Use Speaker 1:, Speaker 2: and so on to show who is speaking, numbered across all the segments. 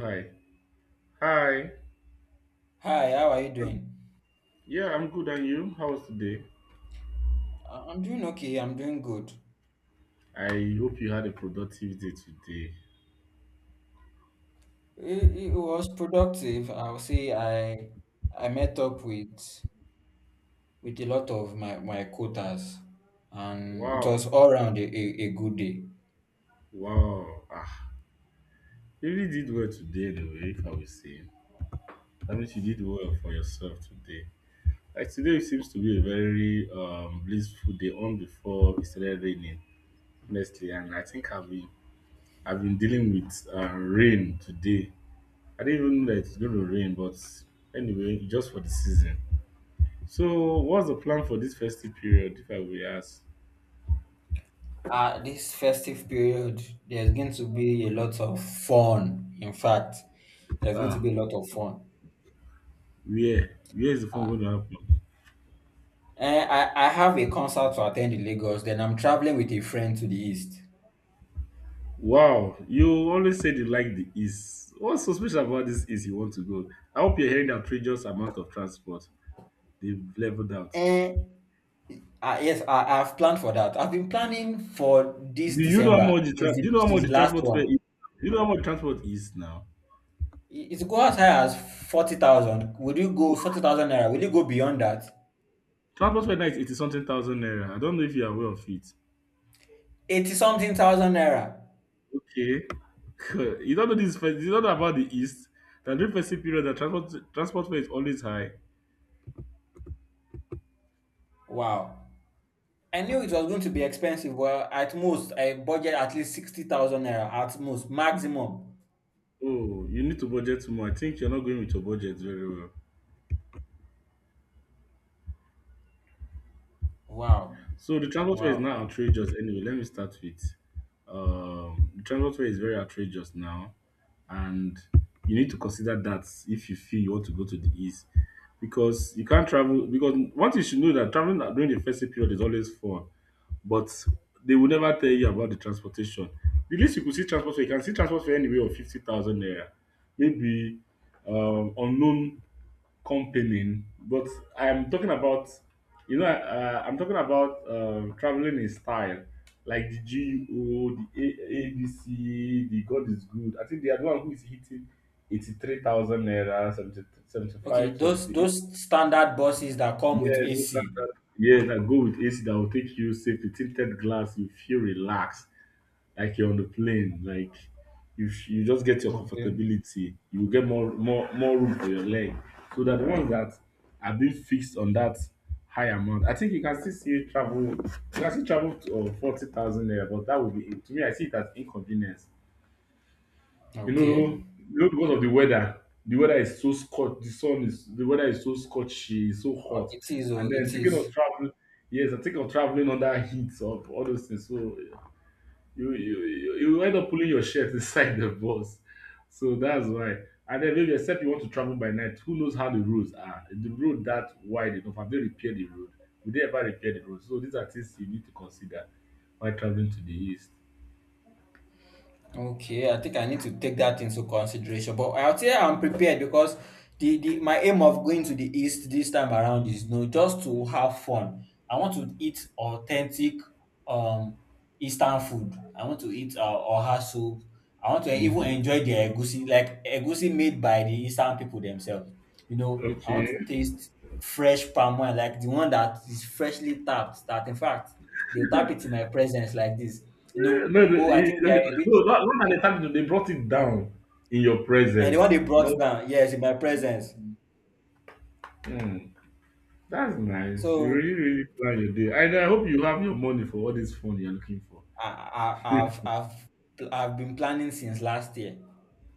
Speaker 1: Hi. Hi.
Speaker 2: Hi, how are you
Speaker 1: Um,
Speaker 2: doing?
Speaker 1: Yeah, I'm good. And you? How was today?
Speaker 2: I'm doing okay. I'm doing good.
Speaker 1: I hope you had a productive day today.
Speaker 2: It was productive. I'll say I met up with a lot of my quotas, and it
Speaker 1: Wow.
Speaker 2: was all round a good day.
Speaker 1: Wow. Ah, you really did well today, in a way, I would say. That means you did well for yourself today. Like today seems to be a very blissful day on before it started raining, honestly. And I think I've been dealing with rain today. I didn't even know that it's going to rain, but anyway, just for the season. So, what's the plan for this festive period, if I will ask?
Speaker 2: This festive period, there's going to be a lot of fun. In fact, there's going to
Speaker 1: Ah,
Speaker 2: be a lot of fun.
Speaker 1: where? Where is the fun going to happen?
Speaker 2: I have a concert to attend in Lagos. Then I'm traveling with a friend to the east.
Speaker 1: Wow, you always said you like the East. What's so special about this East you want to go? I hope you're hearing the outrageous amount of transport they've leveled out.
Speaker 2: Eh, yes, I've planned for that. I've been planning for this
Speaker 1: Do you know how
Speaker 2: December
Speaker 1: much the
Speaker 2: since
Speaker 1: tra- do you know how
Speaker 2: since
Speaker 1: much
Speaker 2: the
Speaker 1: the
Speaker 2: last
Speaker 1: transport fare
Speaker 2: one.
Speaker 1: is? Do you know how much transport is now?
Speaker 2: It go as high as 40,000. Will you go 40,000 naira? Will you go beyond that?
Speaker 1: Transport fare now is 80 something thousand naira. I don't know if you are aware of it.
Speaker 2: 80 something thousand naira.
Speaker 1: Okay, you don't know this. You don't know about the East. The during festive period, the transport fare is always high.
Speaker 2: Wow. I knew it was going to be expensive. Well, at most, I budget at least 60,000 naira at most, maximum.
Speaker 1: Oh, you need to budget more. I think you're not going with your budget very well.
Speaker 2: Wow.
Speaker 1: So the transport fare is
Speaker 2: Wow.
Speaker 1: now outrageous anyway. Let me start with The transport fare is very outrageous now, and you need to consider that if you feel you want to go to the east, because you can't travel. Because what you should know that traveling during the festive period is always fun, but they will never tell you about the transportation. The least you could see transport fare, you can see transport fare anywhere of 50,000 naira, maybe unknown company, but I'm talking about, you know, I'm talking about traveling in style, like the GUO, the ABC, the God is Good. I think they are the one who is hitting 83,000 naira, 70,
Speaker 2: Okay,
Speaker 1: 75,
Speaker 2: those
Speaker 1: 78.
Speaker 2: those standard buses that come with
Speaker 1: Yes, those
Speaker 2: AC.
Speaker 1: standard. Yes, that go with AC that will take you safe. You tinted glass, you feel relaxed like you're on the plane, like you just get your
Speaker 2: Okay.
Speaker 1: comfortability. You will get more room for your leg, so that the ones that are being fixed on that high amount, I think you can still see travel. You can still travel to 40,000 there, but that would be, to me, I see it as inconvenience, you
Speaker 2: Okay.
Speaker 1: know. Because of the weather, the weather is so scorch the sun is the weather is so scorchy, so
Speaker 2: Oh,
Speaker 1: hot.
Speaker 2: it is, oh,
Speaker 1: And then
Speaker 2: it
Speaker 1: thinking of
Speaker 2: is.
Speaker 1: traveling, yes, I'm thinking of traveling under heat of all those things. So you end up pulling your shirt inside the bus. So that's why. And then maybe except you want to travel by night, who knows how the roads are? Is the road that wide enough? Have they repaired the road? Will they ever repair the road? So these are things you need to consider while traveling to the east.
Speaker 2: Okay, I think I need to take that into consideration. But I'll say I'm prepared because the my aim of going to the east this time around is no just to have fun. I want to eat authentic um Eastern food. I want to eat oha soup. I want to even
Speaker 1: Hmm.
Speaker 2: enjoy the egusi, like egusi made by the Eastern people themselves. You know, I want to
Speaker 1: Okay.
Speaker 2: taste fresh palm wine, like the one that is freshly tapped. That in fact they'll tap it in my presence like this. You know,
Speaker 1: No, the,
Speaker 2: go. I think
Speaker 1: he-
Speaker 2: they are
Speaker 1: okay,
Speaker 2: a bit
Speaker 1: no, not, not an attack. They brought it down in your
Speaker 2: and the one
Speaker 1: presence.
Speaker 2: they
Speaker 1: No.
Speaker 2: brought down, yes, in my presence.
Speaker 1: Hmm. That's nice. You
Speaker 2: So
Speaker 1: really, really plan your day. And I hope you have your money for all this fun you're looking for.
Speaker 2: I, I've been planning since last year.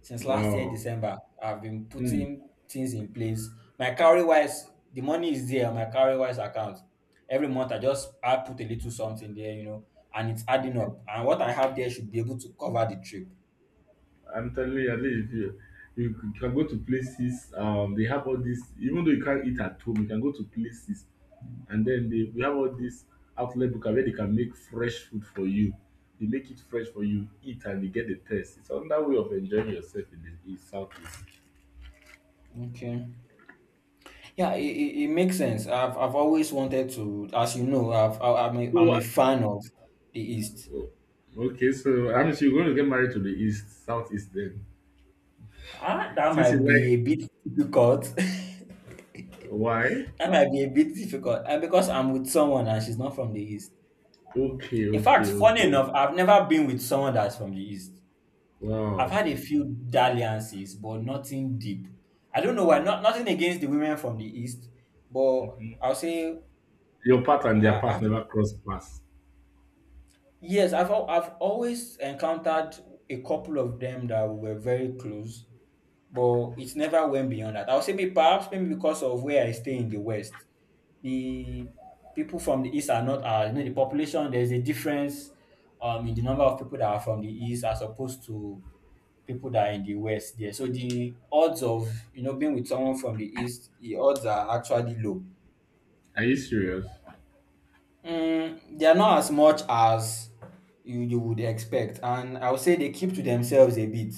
Speaker 2: Since last year,
Speaker 1: Wow.
Speaker 2: December, I've been
Speaker 1: Hmm.
Speaker 2: putting things in place. My carry wise, the money is there on my carry wise account. Every month I just I put a little something there, you know, and it's adding
Speaker 1: Okay.
Speaker 2: up. And what I have there should be able to cover the trip.
Speaker 1: I'm telling you, at least if you can go to places, they have all this. Even though you can't eat at home, you can go to places, and then they we have all this outlet book where they can make fresh food for you. They make it fresh for you, eat, and you get the taste. It's another way of enjoying yourself in the east, southeast.
Speaker 2: Okay. Yeah, it makes sense. I've always wanted to, as you know, I'm
Speaker 1: So
Speaker 2: I'm a
Speaker 1: what?
Speaker 2: fan of the East.
Speaker 1: Oh, okay, so I mean, so you're going to get married to the east, southeast then.
Speaker 2: Ah, that
Speaker 1: Since
Speaker 2: might
Speaker 1: you
Speaker 2: be a
Speaker 1: like,
Speaker 2: bit difficult.
Speaker 1: why?
Speaker 2: That might be a bit difficult. And because I'm with someone and she's not from the East.
Speaker 1: Okay,
Speaker 2: In fact,
Speaker 1: okay,
Speaker 2: funny
Speaker 1: okay.
Speaker 2: enough, I've never been with someone that's from the East. I've
Speaker 1: Wow,
Speaker 2: had a few dalliances, but nothing deep. I don't know why. Not nothing against the women from the East, but I'll say,
Speaker 1: your part and their
Speaker 2: uh,
Speaker 1: part
Speaker 2: I've,
Speaker 1: never cross paths.
Speaker 2: yes, I've always encountered a couple of them that were very close, but it never went beyond that. I would say maybe perhaps maybe because of where I stay in the West, the people from the East are not as you know the population. There's a difference in the number of people that are from the East as opposed to people that are in the West there. So the odds of you know being with someone from the East, the odds are actually low.
Speaker 1: Are you serious?
Speaker 2: Mm, they are not as much as you would expect, and I would say they keep to themselves a bit.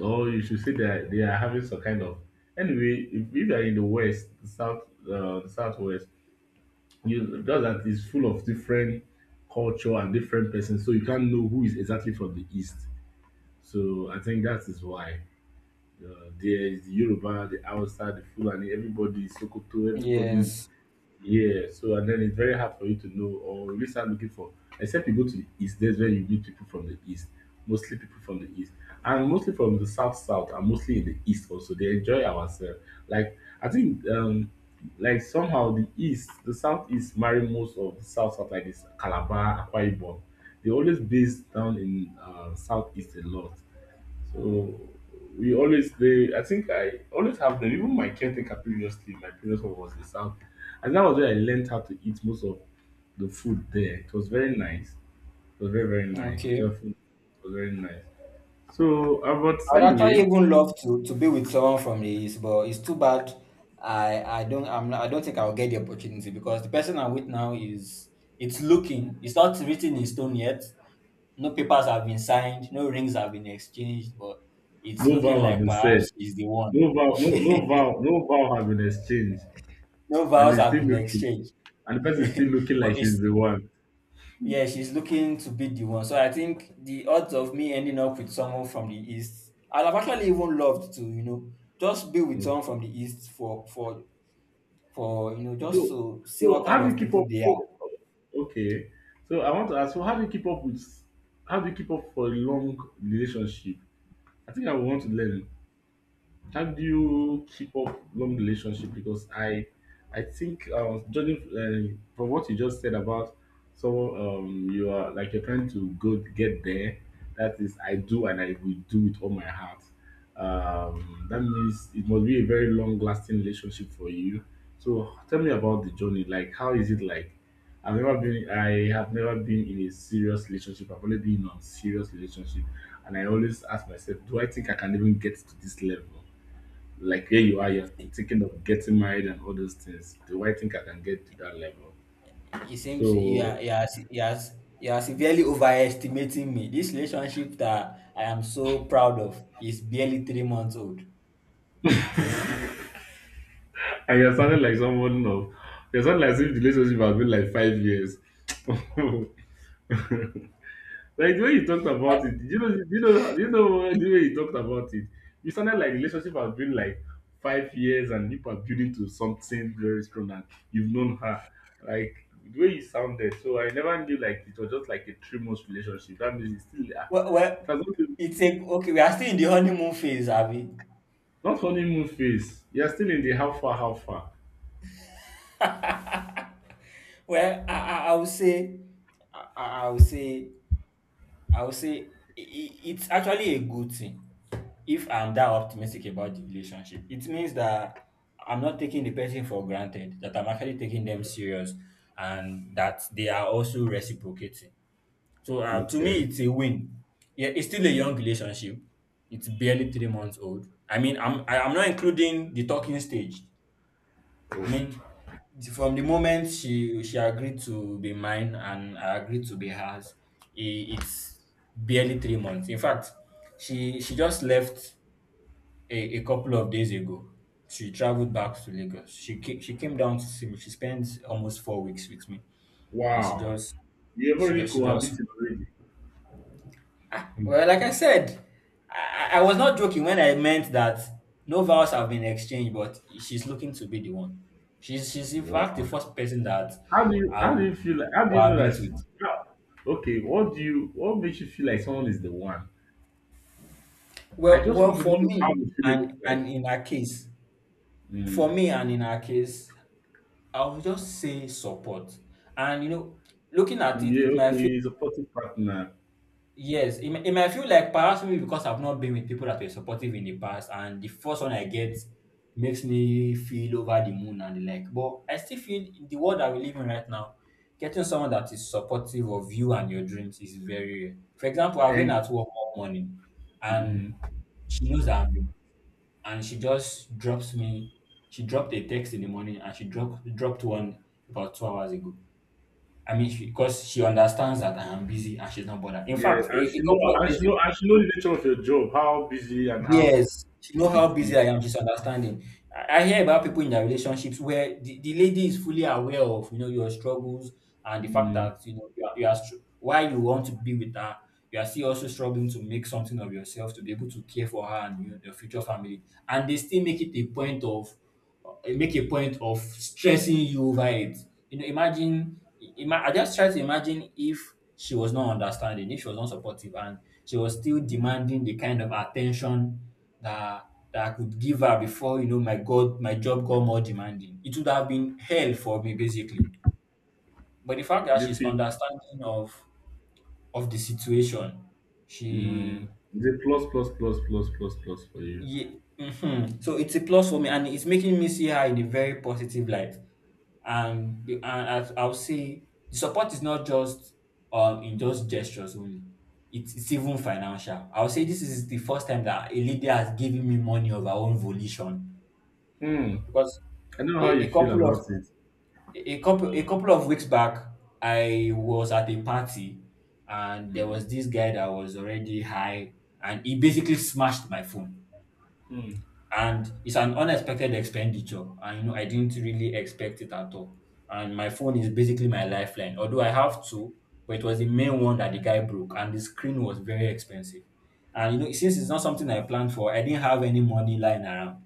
Speaker 1: Or you should say that they are having some kind of, anyway. If you are in the west, the south, the southwest, you just that is full of different culture and different persons, so you can't know who is exactly from the east. So I think that is why. There is the Yoruba, the Hausa, the Fulani, everybody is Sokoto, everybody is,
Speaker 2: Yes.
Speaker 1: yeah. So and then it's very hard for you to know or really start looking for, except you go to the east, that's where you meet people from the east, mostly people from the east. And mostly from the south south, and mostly in the east also. They enjoy ourselves. Like I think like somehow the east, the south east marry most of the south south, like this Calabar, Akwa Ibom. They always base down in southeast a lot. So we always they, I think I always have them. Even my caretaker previously, my previous one was the South, and that was where I learned how to eat most of the food there. It was very nice. It was very very nice.
Speaker 2: Okay.
Speaker 1: Their food was very nice. So, but
Speaker 2: I would actually
Speaker 1: anyway,
Speaker 2: even love to be with someone from the East, but it's too bad. I don't think I'll get the opportunity because the person I'm with now is it's looking it's not written in stone yet. No papers have been signed, no rings have been exchanged, but it's
Speaker 1: no
Speaker 2: looking
Speaker 1: vow have
Speaker 2: like
Speaker 1: been said.
Speaker 2: perhaps he's the one.
Speaker 1: No vow, no no vow, no vow have been exchanged,
Speaker 2: No
Speaker 1: and
Speaker 2: vows
Speaker 1: it's
Speaker 2: have
Speaker 1: still
Speaker 2: been
Speaker 1: looking,
Speaker 2: exchanged,
Speaker 1: and the person is still looking like
Speaker 2: but it's
Speaker 1: she's the one.
Speaker 2: yeah, she's looking to beat the one. So I think the odds of me ending up with someone from the east, I'd have actually even loved to, you know, just be with
Speaker 1: Okay.
Speaker 2: someone from the east for for you know just
Speaker 1: So,
Speaker 2: to see
Speaker 1: so
Speaker 2: what kind
Speaker 1: how do you
Speaker 2: of
Speaker 1: keep
Speaker 2: people
Speaker 1: up?
Speaker 2: they are.
Speaker 1: So, okay. So I want to ask. So how do you keep up with? How do you keep up for a long relationship? I think I would want to learn. How do you keep up long relationship? Because I think I was judging from what you just said about, so you are like you're trying to go get there. That is, I do and I will do with all my heart. That means it must be a very long lasting relationship for you. So tell me about the journey. Like, how is it like? I've never been. I have never been in a serious relationship. I've only been on serious relationship, and I always ask myself, do I think I can even get to this level? Like here you are,
Speaker 2: It
Speaker 1: you're
Speaker 2: it,
Speaker 1: thinking of getting married and all those things. Do I think I can get to that level?
Speaker 2: seems
Speaker 1: So,
Speaker 2: yeah yeah severely overestimating me. This relationship that I am so proud of is barely 3 months old.
Speaker 1: and you're sounding like someone of, you're sounding like if the relationship has been like 5 years. Like the way you talked about it, did you know, did you know, did you know the way you talked about it? You sounded like the relationship has been like 5 years and you are building to something very strong, and you've known her. Like the way you sounded, so I never knew like it was just like a 3 months relationship. That means it's still, ah,
Speaker 2: Well, well,
Speaker 1: it has not been.
Speaker 2: it's a okay. We are still in the honeymoon phase, Abby.
Speaker 1: Not honeymoon phase. You're still in the how far, how far.
Speaker 2: Well, I, I I would say I would say it's actually a good thing if I'm that optimistic about the relationship. It means that I'm not taking the person for granted, that I'm actually taking them serious, and that they are also reciprocating. So to me,
Speaker 1: Okay.
Speaker 2: it's a win. Yeah, it's still a young relationship. It's barely 3 months old. I mean, I'm not including the talking stage. I mean, from the moment she agreed to be mine and I agreed to be hers, it's barely 3 months. In fact, she just left a couple of days ago. She traveled back to Lagos. She came down to see me. She spent almost 4 weeks with me, and she
Speaker 1: Wow.
Speaker 2: just
Speaker 1: You have
Speaker 2: she
Speaker 1: already
Speaker 2: just she just
Speaker 1: cohabited already. Hmm.
Speaker 2: well, like I said, I was not joking when I meant that no vows have been exchanged, but she's looking to be the one. She's in fact the
Speaker 1: Wow.
Speaker 2: first person that
Speaker 1: How do you
Speaker 2: I
Speaker 1: how do you
Speaker 2: would
Speaker 1: feel, like how do you know that
Speaker 2: cohabit
Speaker 1: she,
Speaker 2: with.
Speaker 1: how- okay, what makes you feel like someone is the one? I just want to know
Speaker 2: For
Speaker 1: how
Speaker 2: me
Speaker 1: the feeling looks
Speaker 2: and
Speaker 1: like.
Speaker 2: in her case,
Speaker 1: Mm.
Speaker 2: for me and in her case, I will just say support. And you know, looking at it,
Speaker 1: Yeah,
Speaker 2: it
Speaker 1: okay,
Speaker 2: might
Speaker 1: he's a supportive partner.
Speaker 2: yes, it might feel like perhaps maybe because I've not been with people that were supportive in the past, and the first one I get makes me feel over the moon and the like. But I still feel in the world that we live in right now, getting someone that is supportive of you and your dreams is very rare. For example, I've been
Speaker 1: And
Speaker 2: at work all morning, and she knows I'm you, and she just drops me. She dropped a text in the morning, and she dropped one about 2 hours ago. I mean, because she understands that I am busy and she's not bothered. In
Speaker 1: yeah,
Speaker 2: fact,
Speaker 1: and
Speaker 2: a
Speaker 1: she know
Speaker 2: couple of
Speaker 1: and
Speaker 2: days
Speaker 1: she know and she know the nature of your job, how busy and how
Speaker 2: yes, she know how
Speaker 1: it
Speaker 2: busy I
Speaker 1: is.
Speaker 2: am. She's understanding. I hear about people in their relationships where the lady is fully aware of you know your struggles and the fact
Speaker 1: Mm.
Speaker 2: that you know why you want to be with her. You are still also struggling to make something of yourself to be able to care for her and your future family, and they still make it a point of make a point of stressing you over it. You know, imagine, I just try to imagine if she was not understanding, if she was not supportive, and she was still demanding the kind of attention that that I could give her before you know my God, my job got more demanding. It would have been hell for me basically. But the fact that
Speaker 1: You
Speaker 2: she's
Speaker 1: feel.
Speaker 2: understanding of the situation,
Speaker 1: Mm.
Speaker 2: she
Speaker 1: It's a plus, plus, plus, plus, plus, plus for you.
Speaker 2: yeah. Mhm. So it's a plus for me, and it's making me see her in a very positive light. And the, and I, I'll say the support is not just in just gestures only. It's even financial. I'll say this is the first time that a leader has given me money of her own volition
Speaker 1: Hmm.
Speaker 2: because
Speaker 1: I know
Speaker 2: a,
Speaker 1: how you
Speaker 2: a
Speaker 1: feel
Speaker 2: couple
Speaker 1: about
Speaker 2: of
Speaker 1: it.
Speaker 2: a couple of weeks back I was at a party and there was this guy that was already high and he basically smashed my phone and it's an unexpected expenditure and you know I didn't really expect it at all and my phone is basically my lifeline although I have two but it was the main one that the guy broke and the screen was very expensive and you know since it's not something I planned for I didn't have any money lying around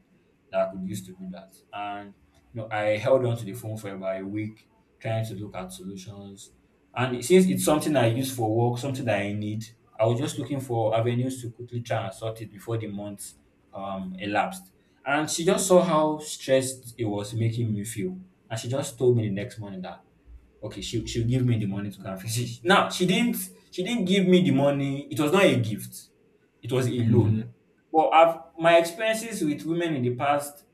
Speaker 2: that I could use to do that. And you know, I held on to the phone for about a week, trying to look at solutions. And it- since it's something I use for work, something that I need, I was just looking for avenues to quickly try and sort it before the month elapsed. And she just saw how stressed it was making me feel. And she just told me the next morning that okay, she'll give me the money to go and fix it. Now she didn't give me the money. It was not a gift. It was a loan. Well, I've my experiences with women in the past,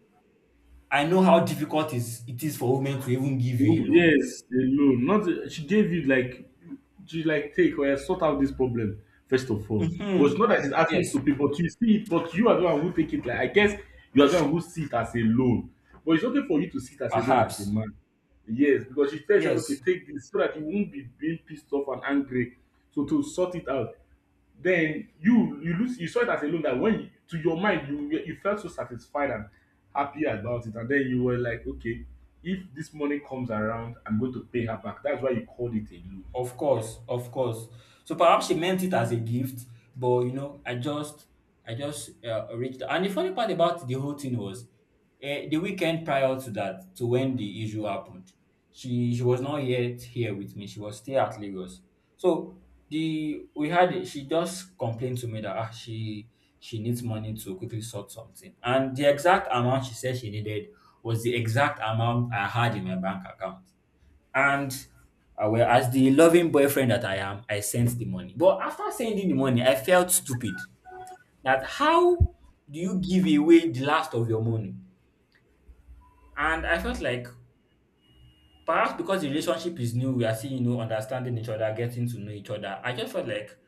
Speaker 2: I know how difficult is it is for women to even give you
Speaker 1: Loan.
Speaker 2: a loan.
Speaker 1: Yes, a loan. Not she gave you like she like take or sort out this problem first of all. But
Speaker 2: Mhm.
Speaker 1: it's not that she's asking you
Speaker 2: Yes,
Speaker 1: to pay, but you see it, but you are the one who take it. Like I guess you are the one who see it as a loan. But it's okay for you to see it as a loan as a
Speaker 2: perhaps.
Speaker 1: man. Yes, because she tells you, okay,
Speaker 2: Yes.
Speaker 1: take this so that you won't be being pissed off and angry. So to sort it out. Then you lose you saw it as a loan that when you, to your mind you were- you felt so satisfied and happy about it, and then you were like, okay, if this money comes around, I'm going to pay her back. That's why you called it a loan.
Speaker 2: Of course, of course. So perhaps she meant it as a gift, but you know, I just reached. And the funny part about the whole thing was, the weekend prior to that, to when the issue happened, she was not yet here with me. She was still at Lagos. So the we had she just complained to me that she needs money to quickly sort something, and the exact amount she said she needed was the exact amount I had in my bank account. And I well, as the loving boyfriend that I am, I sent the money. But after sending the money, I felt stupid. That how do you give away the last of your money? And I felt like perhaps because the relationship is new, we are still, you know, understanding each other, getting to know each other. I just felt like,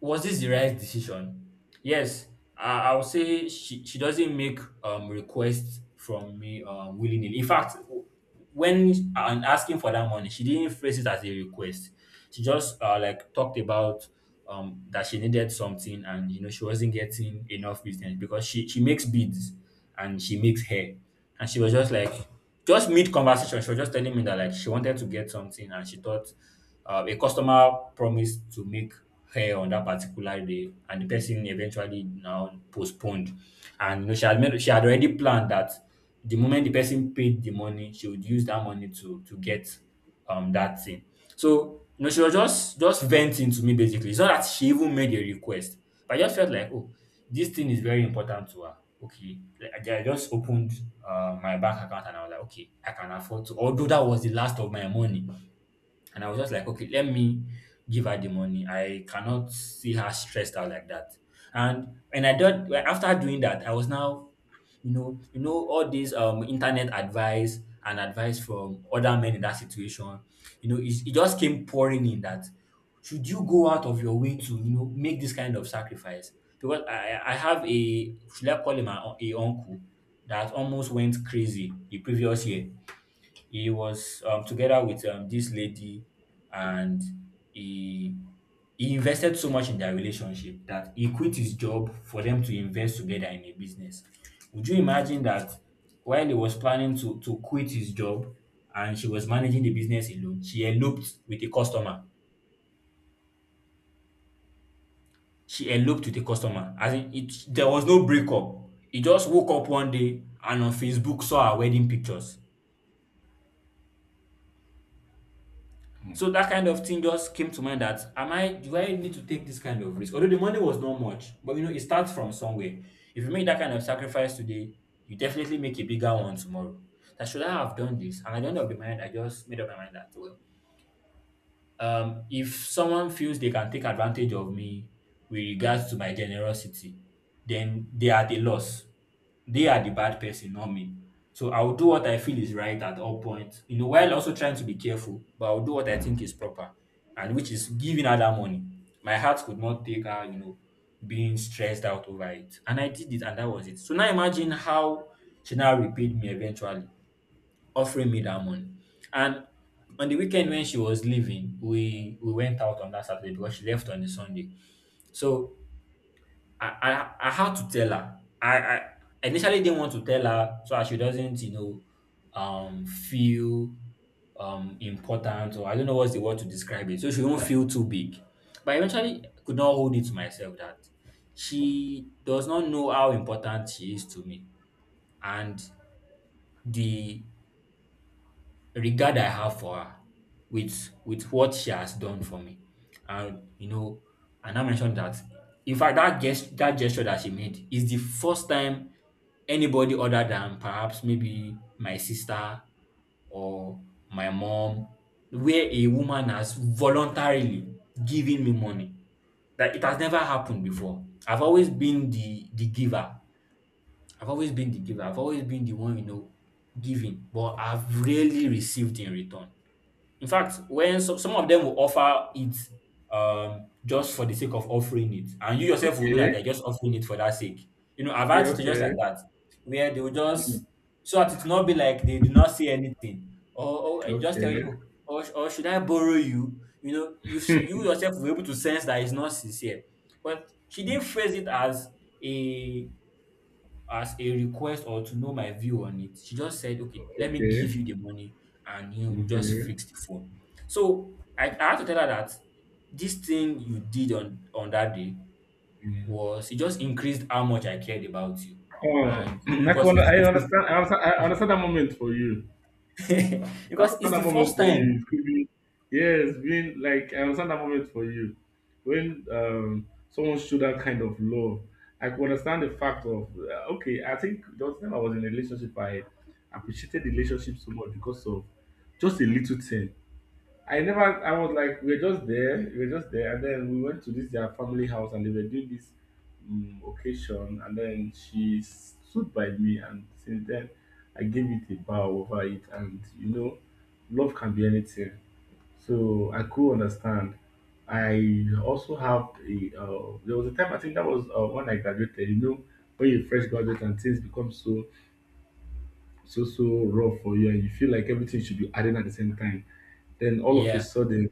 Speaker 2: was this the right decision? Yes, I would say she doesn't make requests from me willingly. In fact, when I'm asking for that money, she didn't phrase it as a request. She just like talked about that she needed something, and you know she wasn't getting enough business because she makes beads and she makes hair. And she was just like, just mid conversation she was just telling me that like she wanted to get something, and she thought a customer promised to make hair on that particular day and the person eventually now postponed. And you know, she had already planned that the moment the person paid the money she would use that money to get that thing. So you know, she was just venting to me basically. It's not that she even made a request, but I just felt like, oh, this thing is very important to her. Okay, like, I just opened my bank account and I was like, okay, I can afford to. Although that was the last of my money, and I was just like, okay, let me give her the money. I cannot see her stressed out like that. And I did. Well, after doing that, I was now, you know, all these internet advice and advice from other men in that situation, you know, it just came pouring in that should you go out of your way to, you know, make this kind of sacrifice? Because I have a, should I call him, a uncle that almost went crazy the previous year. He was together with this lady, and he he invested so much in their relationship that he quit his job for them to invest together in a business. Would you imagine that while he was planning to quit his job and she was managing the business alone, she eloped with a customer. She eloped with a customer. As in, it there was no breakup. He just woke up one day and on Facebook saw her wedding pictures.
Speaker 1: Mm.
Speaker 2: So that kind of thing just came to mind, that am I, do I need to take this kind of risk? Although the money was not much, but you know, it starts from somewhere. If you make that kind of sacrifice today, you definitely make a bigger one tomorrow. That should I have done this? And at the end of the mind, I just made up my mind that, well, if someone feels they can take advantage of me with regards to my generosity, then they are the loss. They are the bad person, not me. So I'll do what I feel is right at all points, you know, while also trying to be careful, but I'll do what I think is proper, and which is giving her that money. My heart could not take her, you know, being stressed out over it. And I did it and that was it. So now imagine how she now repaid me eventually offering me that money. And on the weekend when she was leaving, we went out on that Saturday because she left on the Sunday. So I I had to tell her. I initially didn't want to tell her so that she doesn't, you know, feel important, or I don't know what's the word to describe it. So she won't feel too big. But eventually I could not hold it to myself that she does not know how important she is to me. And the regard I have for her with what she has done for me. And you know, and I mentioned that, in fact that gesture that she made is the first time anybody other than perhaps maybe my sister or my mom, where a woman has voluntarily given me money. That it has never happened before. I've always been the giver. I've always been the giver. I've always been the one, you know, giving, but I've rarely received in return. In fact, when so, some of them will offer it, just for the sake of offering it, and you yourself will know that
Speaker 1: Okay.
Speaker 2: they're just offering it for that sake. You know, I've had
Speaker 1: Yeah,
Speaker 2: it just like
Speaker 1: okay,
Speaker 2: that, where they will just, so that it will not be like they do not say anything, or I just tell
Speaker 1: okay,
Speaker 2: you, oh, or should I borrow you? You know, you, s- you yourself will be able to sense that it's not sincere. But she didn't phrase it a as a request or to know my view on it. She just said, okay, let me
Speaker 1: okay.
Speaker 2: give you the money and you know,
Speaker 1: Mm.
Speaker 2: just
Speaker 1: Okay.
Speaker 2: fix the phone. So I had to tell her that this thing you did on, that day
Speaker 1: Yeah.
Speaker 2: was, it just increased how much I cared about you.
Speaker 1: Oh,
Speaker 2: And because
Speaker 1: i understand, I understand that moment for you. I
Speaker 2: because it's
Speaker 1: understand that
Speaker 2: the
Speaker 1: moment
Speaker 2: first
Speaker 1: for you.
Speaker 2: time.
Speaker 1: It could be, yes, being like, I understand that moment for you. When someone showed that kind of love, I could understand the fact of, okay, I think the last time I was in a relationship, I appreciated the relationship so much because of just a little thing. I never, I was like, we were just there, and then we went to this their family house, and they were doing this occasion, and then she stood by me, and since then, I gave it a bow over it, and you know, love can be anything. So I could understand. I also have a. There was a time, I think that was when I graduated. You know, when you fresh graduate and things become so so so rough for you and you feel like everything should be adding at the same time, then all of a
Speaker 2: Yeah.
Speaker 1: sudden,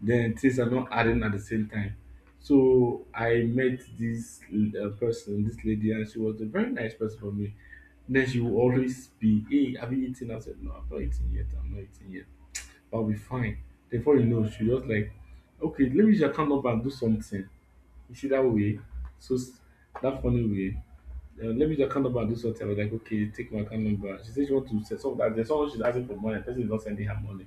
Speaker 1: then things are not adding at the same time. So I met this person, this lady, and she was a very nice person for me. Then she will always be, hey, have you eaten? I said, I'm not eating yet, I'll be fine. Before you know, she just like, okay, let me just come up and do something. You see that way? So s-, that funny way. Let me your account number and do something. I was like, okay, take my account number. She said she wants to set some that there's someone she's asking for money. The person is not sending her money.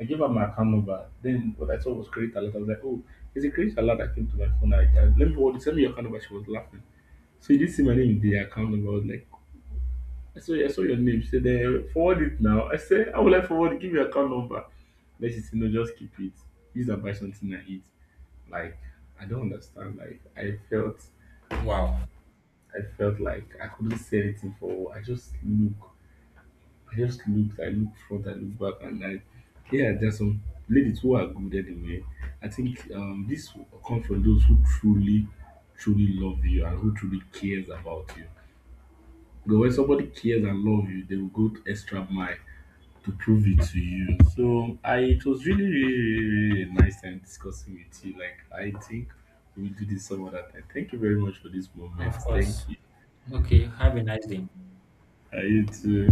Speaker 1: I gave her my account number. Then what I saw was credit alert. I was like, oh, it's a credit alert that came to my phone. I let me hold it. Send me your account number. She was laughing. So you didn't see my name in the account number. I was like, I saw your name. She said, then forward it now. I said, how will I forward it? Give me your account number. Then she said, no, just keep it. Use and buy something and eat. Like, I don't understand. Like,
Speaker 2: Wow.
Speaker 1: I felt like I couldn't say anything for. I just looked, I look front, I look back, and I, yeah, there's some ladies who are good anyway. I think this will come from those who truly, truly love you and who truly cares about you. Because when somebody cares and love you, they will go to extra mile to prove it to you. So I it was really, really, really, really nice time discussing with you. Like I think we'll do this some other time. Thank you very much for this
Speaker 2: Of
Speaker 1: moment. Thank
Speaker 2: course.
Speaker 1: you.
Speaker 2: Okay. Have a nice day.
Speaker 1: You too.